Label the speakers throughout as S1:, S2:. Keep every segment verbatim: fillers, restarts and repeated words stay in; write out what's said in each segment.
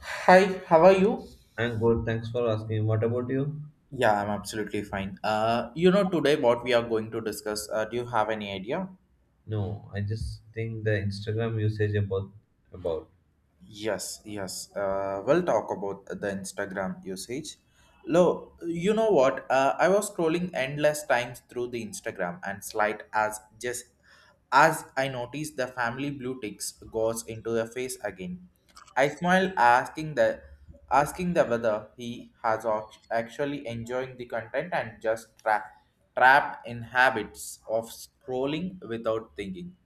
S1: Hi, how are you?
S2: I'm good. Thanks for asking. What about you?
S1: Yeah, I'm absolutely fine. Uh, you know, today what we are going to discuss, uh, do you have any idea?
S2: No, I just think the Instagram usage about about
S1: Yes, yes. Uh, we'll talk about the Instagram usage. Lo, you know what? Uh, I was scrolling endless times through the Instagram and slide as just as I noticed the family blue ticks goes into the face again, I smile asking the asking the whether he has au- actually enjoying the content and just tra- trapped in habits of scrolling without thinking.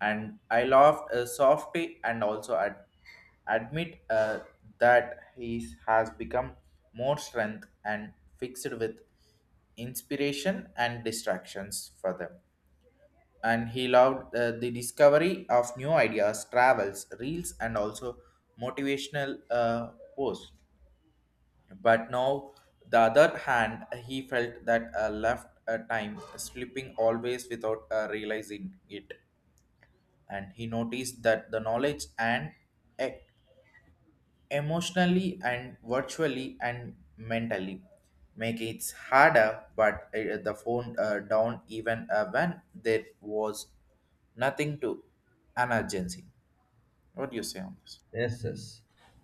S1: And I laughed uh, softly and also ad- admit uh, that he has become more strength and fixed with inspiration and distractions for them and he loved uh, the discovery of new ideas, travels, reels, and also motivational uh, posts. But now, the other hand, he felt that uh, left uh, time slipping always without uh, realizing it, and he noticed that the knowledge and e- emotionally and virtually and mentally make it harder but uh, the phone uh, down even uh, when there was nothing to an urgency. What do you say on this?
S2: yes, yes.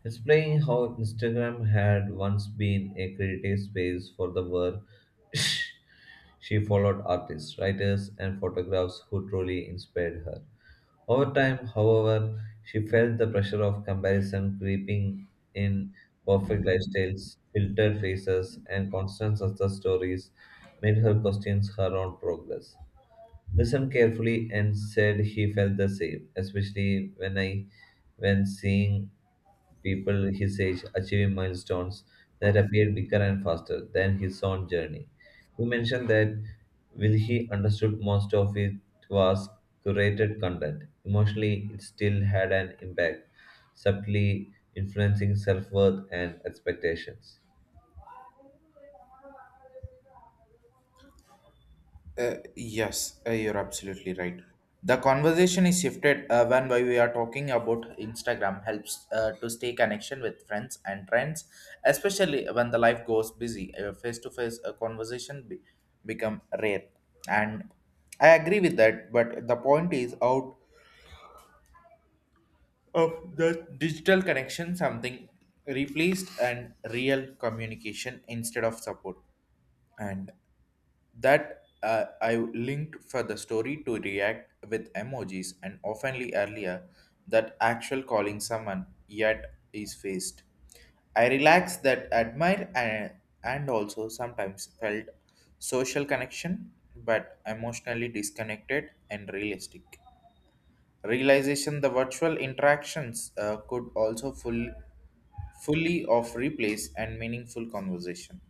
S2: It's playing how Instagram had once been a creative space for the world. She followed artists, writers, and photographers who truly inspired her. Over time, however, she felt the pressure of comparison creeping in, perfect lifestyles, filtered faces, and constant success stories made her question her own progress listened carefully and said he felt the same, especially when I when seeing people his age achieving milestones that appeared bigger and faster than his own journey. He mentioned that while he understood most of it was curated content. Emotionally, it still had an impact, subtly influencing self worth and expectations.
S1: Uh, yes, uh, you're absolutely right. The conversation is shifted uh, when we are talking about Instagram helps uh, to stay connection with friends and trends, especially when the life goes busy. Face to face conversation be- become rare, and I agree with that. But the point is out of the digital connection, something replaced and real communication instead of support and that uh, I linked for the story to react with emojis and oftenly earlier that actual calling someone yet is faced. I relaxed that admire and, and also sometimes felt social connection but emotionally disconnected and realistic. Realization the virtual interactions uh, could also full, fully of replace and meaningful conversation.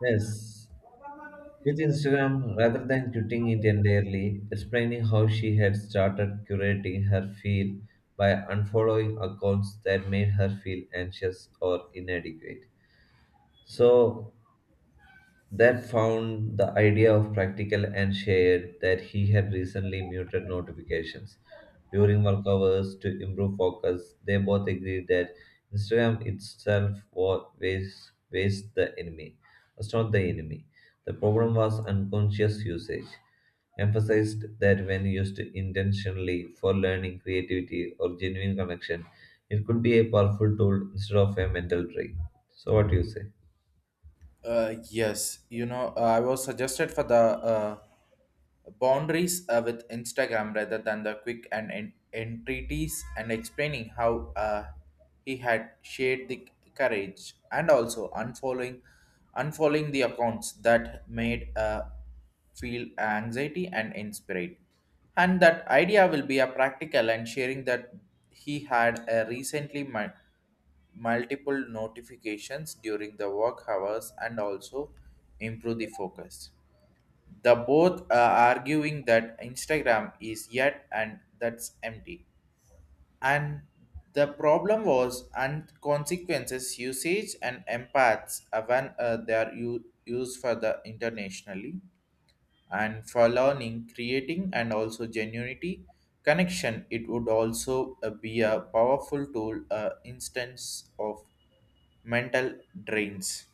S2: Yes, with Instagram, rather than quitting it entirely, explaining how she had started curating her feed by unfollowing accounts that made her feel anxious or inadequate. So that found the idea of practical and shared that he had recently muted notifications during work hours to improve focus. They both agreed that Instagram itself was was the enemy, was not the enemy. The problem was unconscious usage. Emphasized that when used intentionally for learning, creativity, or genuine connection, it could be a powerful tool instead of a mental trick. So, what do you say?
S1: Uh, yes, you know, uh, I was suggested for the uh, boundaries uh, with Instagram rather than the quick and en- entreaties and explaining how uh, he had shared the courage and also unfollowing unfollowing the accounts that made uh, feel anxiety and inspired. And that idea will be a practical and sharing that he had a recently mind multiple notifications during the work hours and also improve the focus. The both are arguing that Instagram is yet and that's empty. And the problem was and consequences usage and empaths uh, when uh, they are u- used for the internationally and for learning, creating and also genuinity connection. It would also uh, be a powerful tool, uh, instance of mental drains.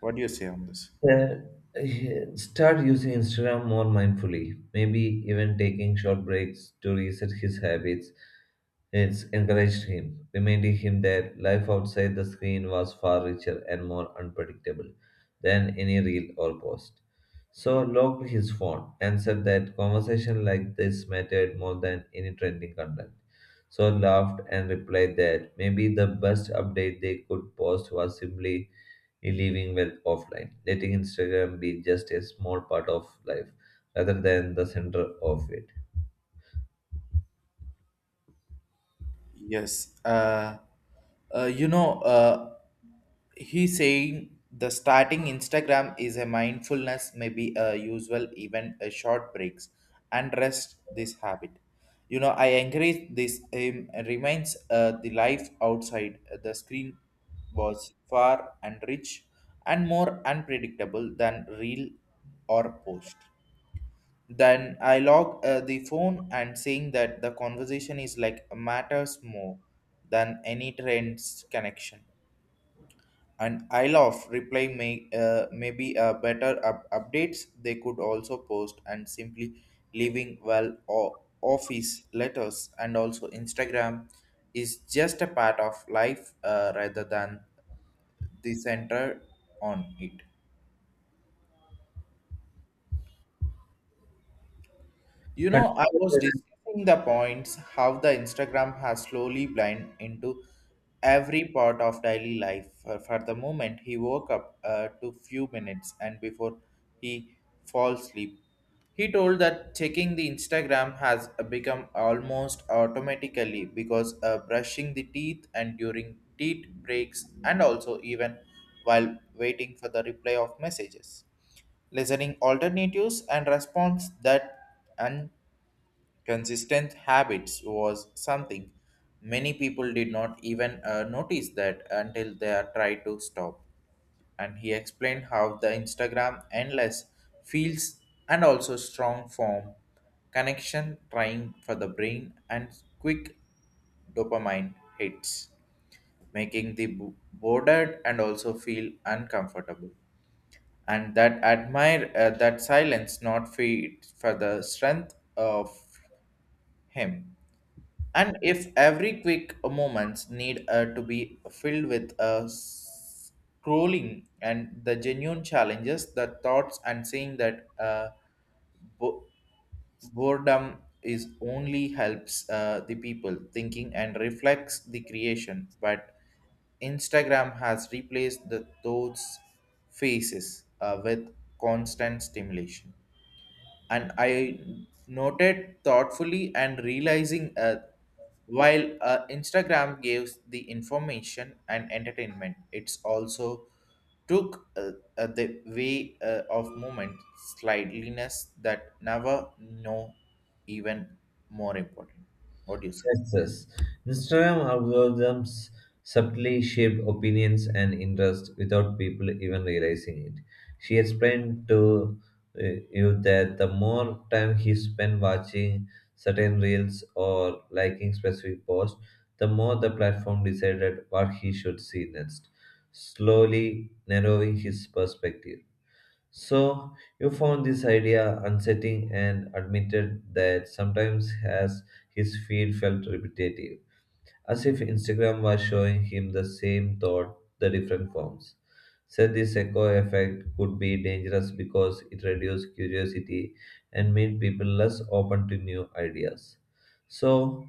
S1: What do you say on this?
S2: Uh, Start using Instagram more mindfully, maybe even taking short breaks to reset his habits. It's encouraged him, reminding him that life outside the screen was far richer and more unpredictable than any reel or post. So locked his phone and said that conversation like this mattered more than any trending content. So laughed and replied that maybe the best update they could post was simply in living well offline, letting Instagram be just a small part of life rather than the center of it.
S1: Yes. Uh, uh, you know, uh, he's saying the starting Instagram is a mindfulness, maybe a usual, even a short breaks, and rest this habit. You know, I encourage this um, remains uh, the life outside uh, the screen was far and rich and more unpredictable than real or post. Then I log uh, the phone and saying that the conversation is like matters more than any trends connection. And I love reply may uh, maybe uh, better up- updates they could also post and simply leaving well o- office letters and also Instagram is just a part of life uh, rather than the center on it. You know,
S2: Content.
S1: I was discussing the points how the Instagram has slowly blend into every part of daily life. For, for the moment he woke up uh, to few minutes and before he falls asleep, he told that checking the Instagram has become almost automatically because uh, brushing the teeth and during teeth breaks and also even while waiting for the reply of messages listening alternatives and response that consistent habits was something many people did not even uh, notice that until they are tried to stop. And he explained how the Instagram endless feels and also strong form connection trying for the brain and quick dopamine hits, making the bo- bored and also feel uncomfortable. And that admire uh, that silence not fit for the strength of him and if every quick moments need uh, to be filled with uh, scrolling and the genuine challenges, the thoughts and saying that uh, bo- boredom is only helps uh, the people thinking and reflects the creation, but Instagram has replaced the thoughts faces uh, with constant stimulation. And I noted thoughtfully and realizing uh, while uh, Instagram gives the information and entertainment, it's also took uh, uh, the way uh, of movement slightliness that never know even more important. What do you say?
S2: Yes, yes. Instagram algorithms subtly shape opinions and interests without people even realizing it. She explained to uh, you that the more time he spent watching certain reels or liking specific posts, the more the platform decided what he should see next, slowly narrowing his perspective. So, you found this idea unsettling and admitted that sometimes has his feed felt repetitive, as if Instagram was showing him the same thought, the different forms. Said this echo effect could be dangerous because it reduced curiosity and made people less open to new ideas. So,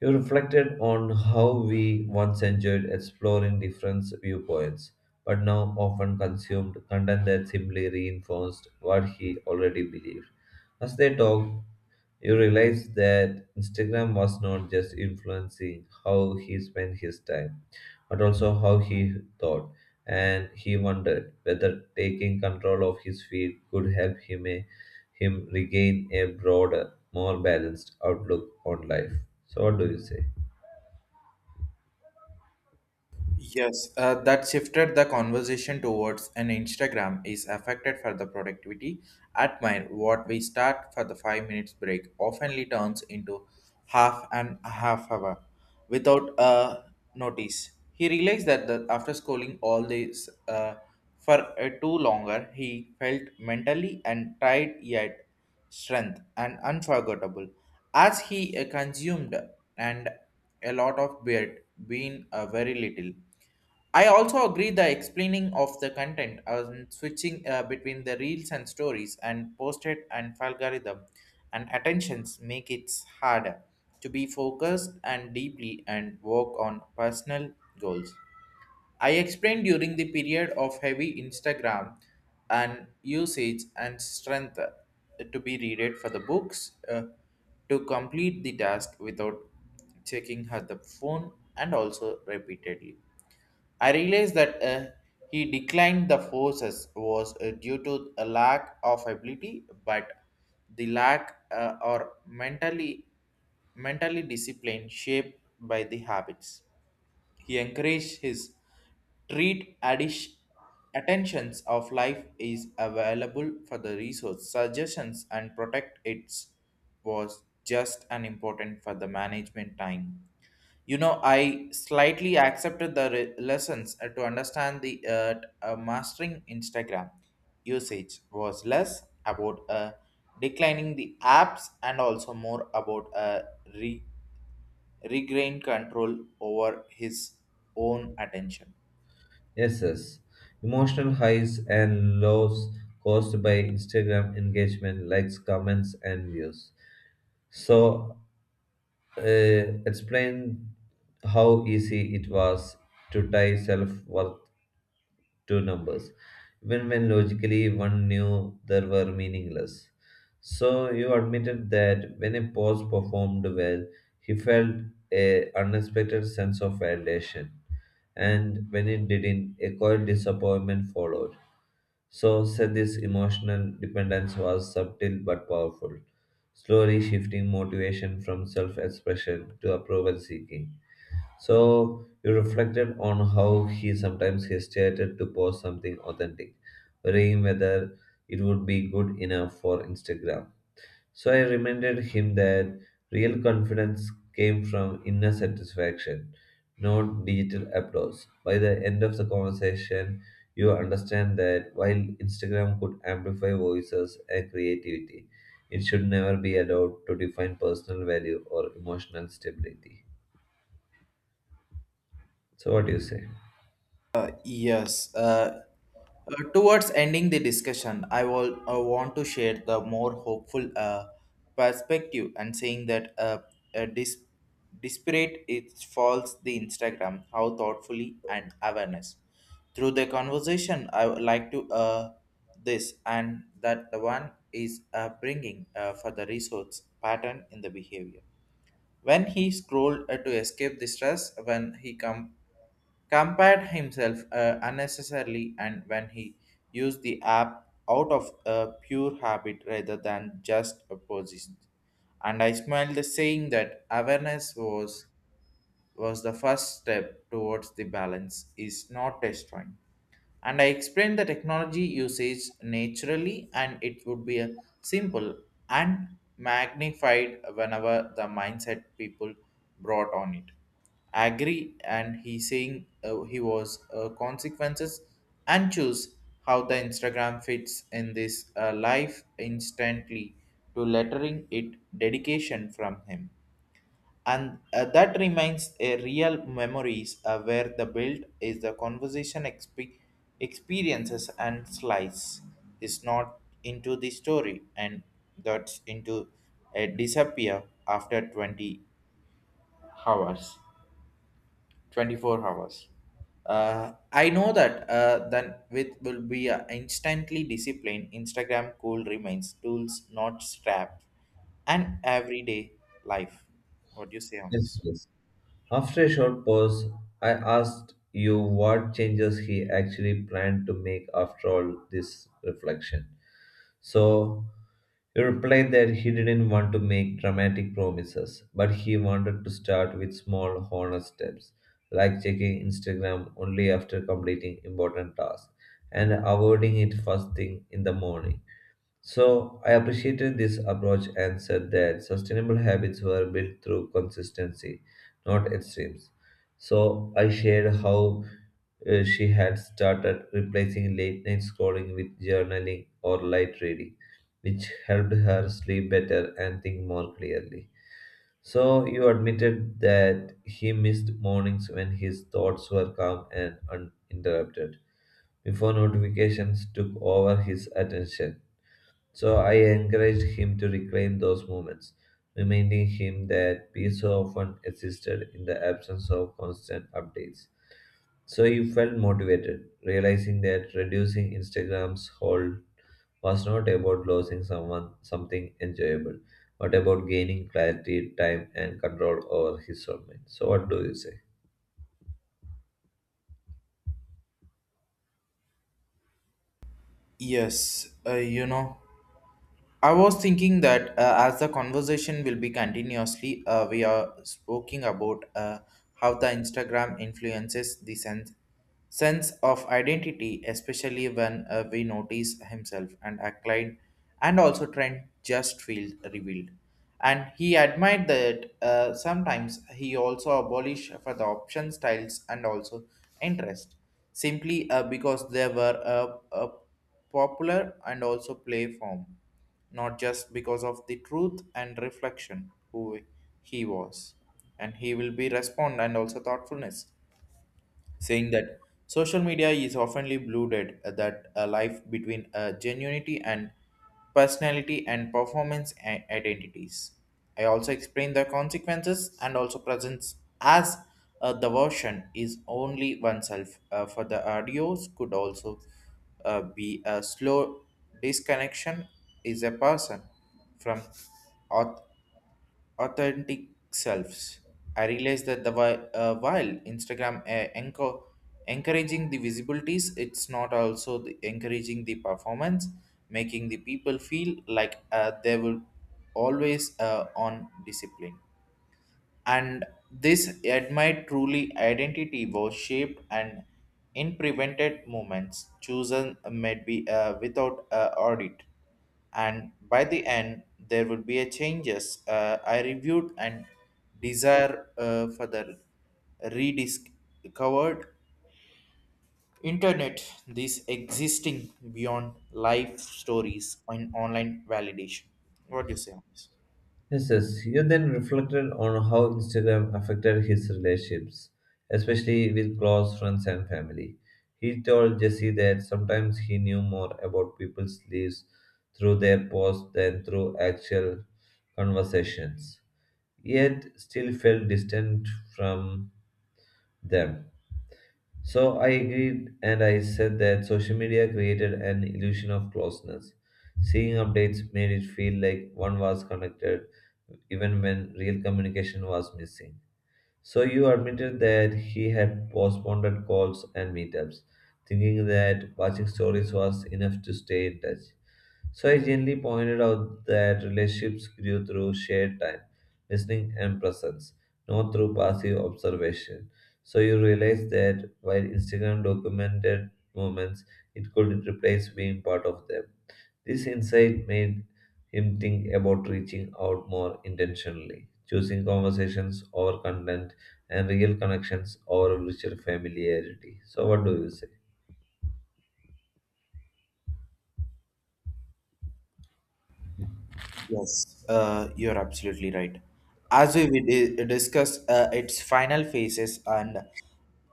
S2: he reflected on how we once enjoyed exploring different viewpoints, but now often consumed content that simply reinforced what he already believed. As they talked, you realized that Instagram was not just influencing how he spent his time, but also how he thought. And he wondered whether taking control of his feed could help him, him regain a broader, more balanced outlook on life. So, what do you say?
S1: Yes, uh, that shifted the conversation towards an Instagram is affected for the productivity. Admire what we start for the five minutes break oftenly turns into half and a half hour without a notice. He realized that the, after scrolling all this uh, for uh, too longer, he felt mentally and tired yet strength, and unforgettable. As he uh, consumed and a lot of beard being uh, very little. I also agree the explaining of the content and switching uh, between the reels and stories and posted and algorithm and attentions make it harder to be focused and deeply and work on personal goals. I explained during the period of heavy Instagram and usage and strength uh, to be readed for the books uh, to complete the task without checking her the phone and also repeatedly. I realized that uh, he declined the forces was uh, due to a lack of ability, but the lack uh, or mentally mentally discipline shaped by the habits. He encouraged his treat addish- attentions of life is available for the research suggestions and protect its was just an important for the management time. You know, I slightly accepted the re- lessons uh, to understand the uh, t- uh, mastering Instagram usage was less about uh, declining the apps and also more about uh, re- regain control over his own attention.
S2: Yes, yes. Emotional highs and lows caused by Instagram engagement, likes, comments, and views. So, uh, explain how easy it was to tie self worth to numbers, even when logically one knew they were meaningless. So you admitted that when a pause performed well, he felt a unexpected sense of validation, and when it didn't, a quiet disappointment followed. So said this emotional dependence was subtle but powerful, slowly shifting motivation from self-expression to approval seeking. So you reflected on how he sometimes hesitated to post something authentic, worrying whether it would be good enough for Instagram. So I reminded him that real confidence came from inner satisfaction, not digital applause. By the end of the conversation, you understand that while Instagram could amplify voices and creativity, it should never be allowed to define personal value or emotional stability. So, what do you say?
S1: Uh, yes. Uh, uh, towards ending the discussion, I will I want to share the more hopeful uh, perspective and saying that uh, uh, dis- disparate it falls the Instagram how thoughtfully and awareness through the conversation I would like to uh, this and that the one is uh, bringing uh, for the resource pattern in the behavior when he scrolled uh, to escape the stress when he come compared himself uh, unnecessarily and when he used the app out of a pure habit rather than just a position. And I smiled, saying that awareness was was the first step towards the balance is not destroying. And I explained the technology usage naturally, and it would be a simple and magnified whenever the mindset people brought on it. I agree, and he saying uh, he was uh, consequences and choose how the Instagram fits in this uh, life instantly to lettering it dedication from him and uh, that remains a real memories uh, where the build is the conversation exp- experiences and slice is not into the story and that's into a disappear after twenty hours twenty four hours. uh, I know that uh, then with will be uh, instantly disciplined. Instagram cool remains tools not strap and everyday life. What do you say on
S2: Yes,
S1: this?
S2: yes. After a short pause, I asked you what changes he actually planned to make after all this reflection. So you replied that he didn't want to make dramatic promises, but he wanted to start with small, honest steps, like checking Instagram only after completing important tasks and avoiding it first thing in the morning. So I appreciated this approach and said that sustainable habits were built through consistency, not extremes. So I shared how uh, she had started replacing late night scrolling with journaling or light reading, which helped her sleep better and think more clearly. So you admitted that he missed mornings when his thoughts were calm and uninterrupted, before notifications took over his attention. So I encouraged him to reclaim those moments, reminding him that peace so often existed in the absence of constant updates. So he felt motivated, realizing that reducing Instagram's hold was not about losing someone something enjoyable, but about gaining clarity, time, and control over his own mind. So what do you say?
S1: Yes, uh, you know. I was thinking that uh, as the conversation will be continuously, uh, we are speaking about uh, how the Instagram influences the sense sense of identity, especially when uh, we notice himself and acclaim, and also trend just feel revealed. And he admired that uh, sometimes he also abolished for the option styles and also interest, simply uh, because they were a, a popular and also play form not just because of the truth and reflection who he was and he will be respond and also thoughtfulness saying that social media is oftenly blurred uh, that a life between uh, genuinity and personality and performance i- identities. I also explain the consequences and also presents as uh, the version is only oneself. Uh, for the audios could also uh, be a slow disconnection is a person from auth- authentic selves. I realized that the whi- uh, while Instagram uh, enco- encouraging the visibilities, it's not also the encouraging the performance, making the people feel like uh, they will always uh, on discipline and this admired truly identity was shaped and in prevented movements chosen may be uh, without uh, audit and by the end there will be a changes uh, I reviewed and desire uh, further rediscovered internet this existing beyond life stories and online validation. What do you say on this?
S2: Yes, yes. You then reflected on how Instagram affected his relationships, especially with close friends and family. He told Jesse that sometimes he knew more about people's lives through their posts than through actual conversations, yet still felt distant from them. So I agreed and I said that social media created an illusion of closeness. Seeing updates made it feel like one was connected even when real communication was missing. So you admitted that he had postponed calls and meetups, thinking that watching stories was enough to stay in touch. So I gently pointed out that relationships grew through shared time, listening, and presence, not through passive observation. So you realize that while Instagram documented moments, it couldn't replace being part of them. This insight made him think about reaching out more intentionally, choosing conversations over content and real connections over virtual familiarity. So, what do you say?
S1: Yes, uh, you're absolutely right. As we di- discussed uh, its final phases, and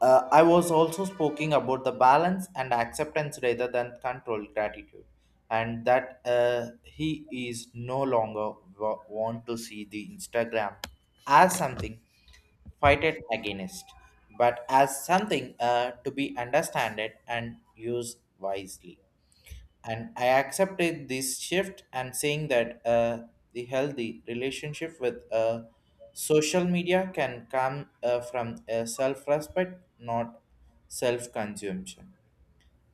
S1: uh, I was also speaking about the balance and acceptance rather than control, gratitude, and that uh, he is no longer wa- want to see the Instagram as something fighted against, but as something uh, to be understood and used wisely and I accepted this shift and saying that uh, the healthy relationship with uh, social media can come uh, from uh, self-respect not self-consumption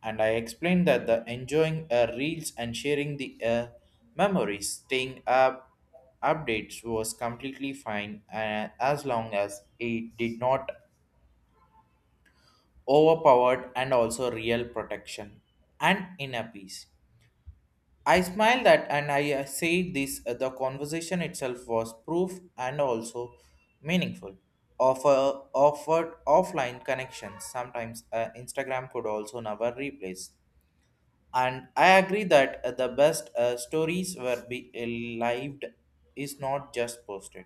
S1: and I explained that the enjoying uh, reels and sharing the uh, memories staying up updates was completely fine uh, as long as it did not overpowered and also real protection and inner peace. I smiled at and I uh, said this uh, the conversation itself was proof and also meaningful of a offered offline connections. Sometimes uh, Instagram could also never replace. And I agree that uh, the best uh, stories were be uh, lived is not just posted.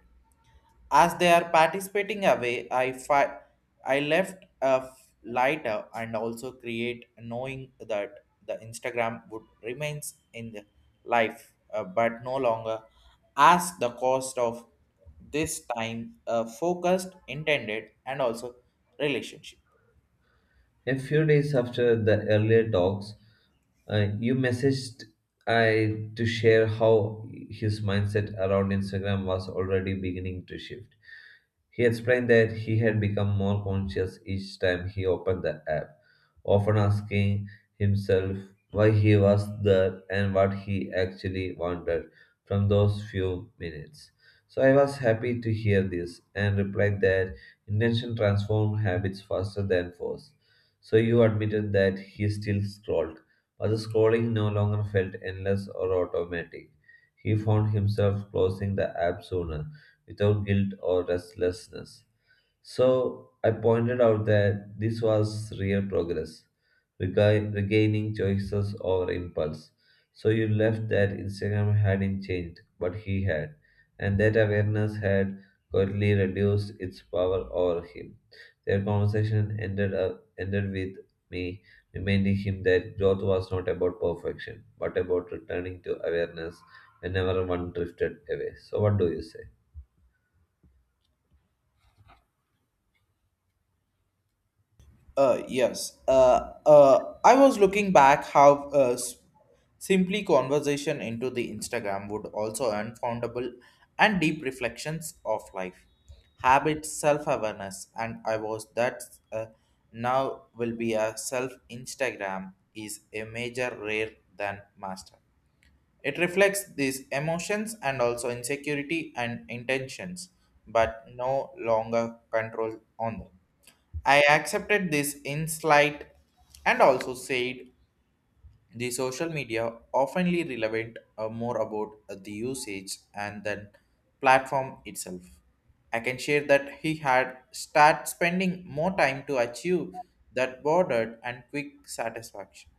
S1: As they are participating away, I fi- I left a f- lighter and also create knowing that the Instagram would remains in the life, uh, but no longer as the cost of this time uh, focused, intended, and also relationship.
S2: A few days after the earlier talks, uh, you messaged I to share how his mindset around Instagram was already beginning to shift. He explained that he had become more conscious each time he opened the app, often asking himself why he was there and what he actually wanted from those few minutes. So I was happy to hear this and replied that intention transforms habits faster than force so you admitted that he still scrolled, but the scrolling no longer felt endless or automatic. He found himself closing the app sooner, without guilt or restlessness. So I pointed out that this was real progress, rega- regaining choices over impulse. So you left that Instagram hadn't changed, but he had, and that awareness had quietly reduced its power over him. Their conversation ended up ended with me reminding him that growth was not about perfection, but about returning to awareness whenever one drifted away. So what do you say?
S1: Uh, yes. Uh, uh, I was looking back how uh, s- simply conversation into the Instagram would also unfoundable and deep reflections of life, habits, self-awareness, and I was that uh, now will be a self Instagram is a major rare than master. It reflects these emotions and also insecurity and intentions, but no longer control on them. I accepted this insight and also said the social media oftenly relevant uh, more about uh, the usage and then platform itself. I can share that he had start spending more time to achieve that bordered and quick satisfaction.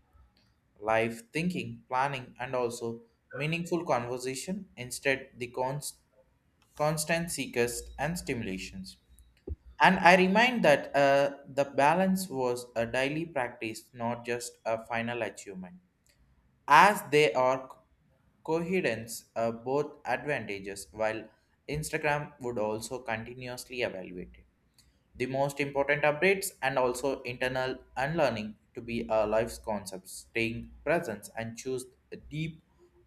S1: Life thinking, planning and also meaningful conversation instead the const- constant seekers and stimulations. And I remind that uh, the balance was a daily practice, not just a final achievement, as they are coherence uh, both advantages. While Instagram would also continuously evaluate it. The most important updates and also internal unlearning to be a life's concept, staying present and choose deep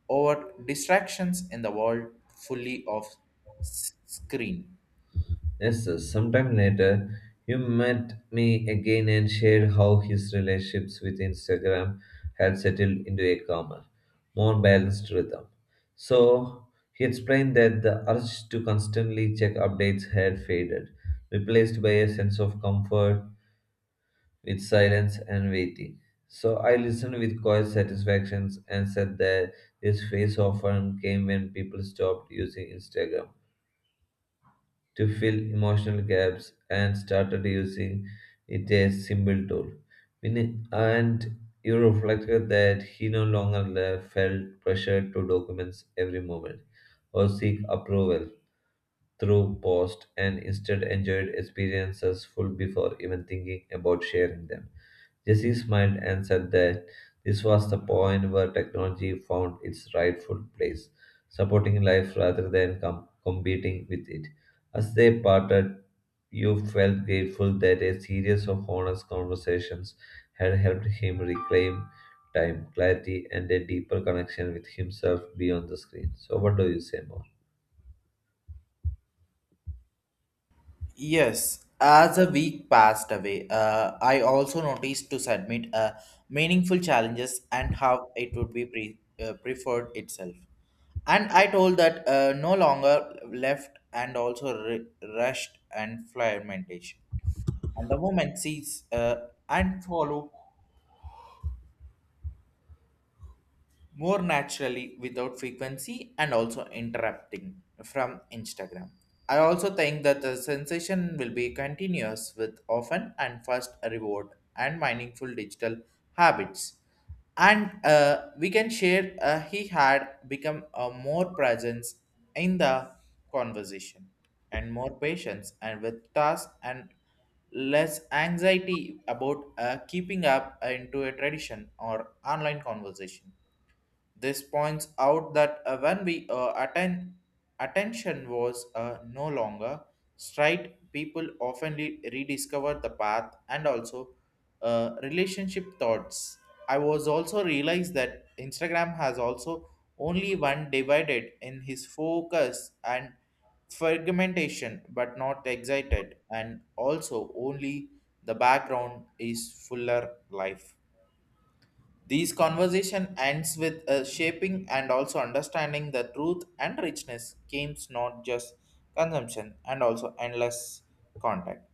S1: over distractions in the world fully of s- screen.
S2: Yes, sir. Sometime later, you met me again and shared how his relationships with Instagram had settled into a calmer, more balanced rhythm. So, he explained that the urge to constantly check updates had faded, replaced by a sense of comfort with silence and waiting. So, I listened with quiet satisfaction and said that this phase often came when people stopped using Instagram to fill emotional gaps and started using it as a symbol tool. When- And you reflected that he no longer le- felt pressure to document every moment or seek approval through post and instead enjoyed experiences full before even thinking about sharing them. Jesse smiled and said that this was the point where technology found its rightful place, supporting life rather than com- competing with it. As they parted, you felt grateful that a series of honest conversations had helped him reclaim time, clarity, and a deeper connection with himself beyond the screen. So, what do you say more?
S1: Yes, as a week passed away, uh, I also noticed to submit uh, meaningful challenges and how it would be pre- uh, preferred itself. And I told that uh, no longer left and also re- rushed and fragmentation. And the moment sees uh, and follow more naturally without frequency and also interrupting from Instagram. I also think that the sensation will be continuous with often and fast reward and meaningful digital habits. And uh, we can share uh, he had become a more presence in the conversation and more patience and with tasks and less anxiety about uh, keeping up into a tradition or online conversation. This points out that uh, when we uh, atten- attention was uh, no longer straight, people often re- rediscover the path and also uh, relationship thoughts. I was also realized that Instagram has also only one divided in his focus and fragmentation, but not excited, and also only the background is fuller life. These conversation ends with a shaping and also understanding the truth and richness games not just consumption and also endless contact.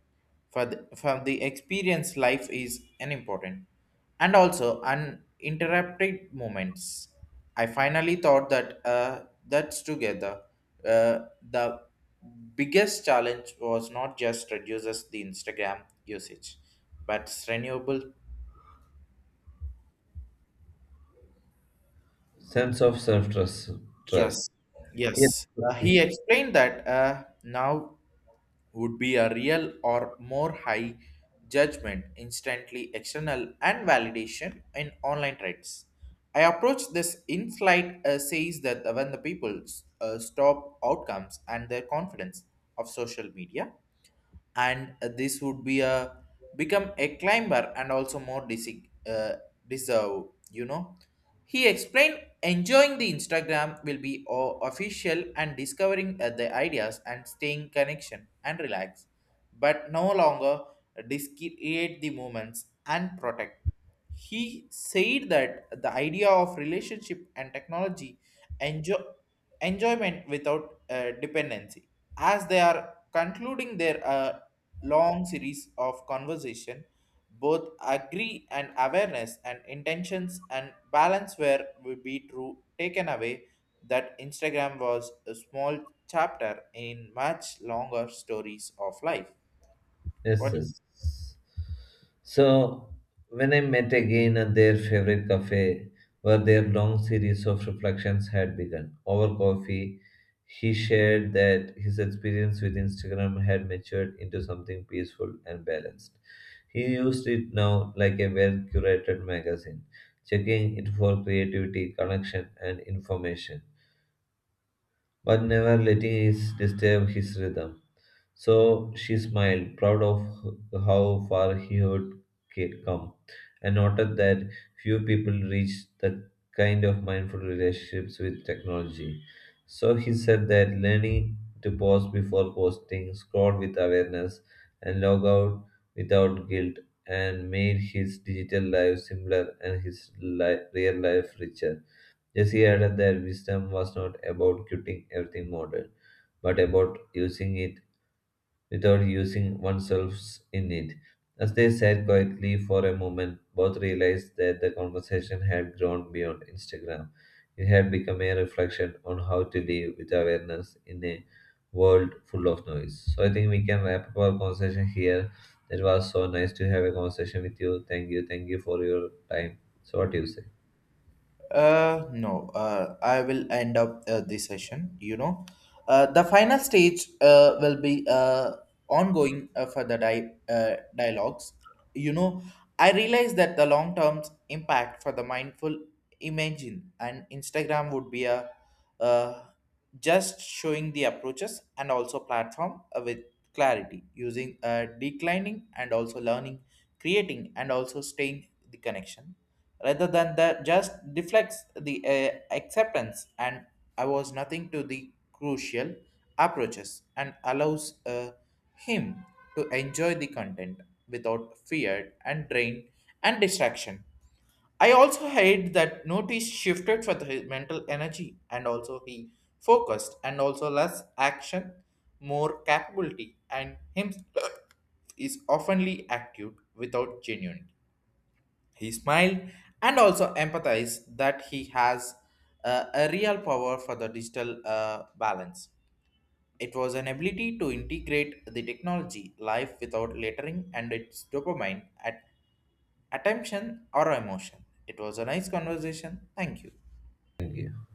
S1: For the, for the experience, life is an important and also uninterrupted moments. I finally thought that uh, that's together. Uh, the biggest challenge was not just reduces the Instagram usage, but renewable.
S2: Sense of self trust. Trust.
S1: Yes,
S2: Yes,
S1: yes. Uh, he explained that uh, now would be a real or more high judgment, instantly external and validation in online trades. I approach this insight uh, says that when the people uh, stop outcomes and their confidence of social media and uh, this would be a become a climber and also more dis- uh, deserve you know he explained enjoying the instagram will be o- official and discovering uh, the ideas and staying connection and relax but no longer discreate the moments and protect. He said that the idea of relationship and technology enjoy enjoyment without uh, dependency. As they are concluding their uh, long series of conversation, both agree and awareness and intentions and balance were would be true taken away that Instagram was a small chapter in much longer stories of life.
S2: yes,
S1: What do you?
S2: yes. So when I met again at their favorite cafe, where their long series of reflections had begun over coffee, he shared that his experience with Instagram had matured into something peaceful and balanced. He used it now like a well curated magazine, checking it for creativity, connection, and information, but never letting it disturb his rhythm. So she smiled, proud of h- how far he had ca- come, and noted that few people reach the kind of mindful relationships with technology. So he said that learning to pause before posting, scroll with awareness, and log out without guilt, and made his digital life simpler and his li- real life richer. Jesse added that wisdom was not about quitting everything modern, but about using it without using oneself in it. As they sat quietly for a moment, both realized that the conversation had grown beyond Instagram. It had become a reflection on how to live with awareness in a world full of noise. So I think we can wrap up our conversation here. It was so nice to have a conversation with you. Thank you. Thank you for your time. So what do you say?
S1: Uh, no, uh, I will end up uh, this session. You know, uh, the final stage uh, will be uh, ongoing uh, for the di- uh, dialogues. You know, I realize that the long term impact for the mindful imagine and Instagram would be a uh, just showing the approaches and also platform uh, with clarity using uh, declining and also learning, creating and also staying the connection rather than the just deflects the uh, acceptance and I was nothing to the crucial approaches and allows uh, him to enjoy the content without fear and drain and distraction. I also hate that notice shifted for the, his mental energy and also he focused and also less action, more capability and him is oftenly active without genuine. He smiled and also empathized that he has uh, a real power for the digital uh, balance. It was an ability to integrate the technology life without littering and its dopamine at attention or emotion. It was a nice conversation. Thank you.
S2: Thank you.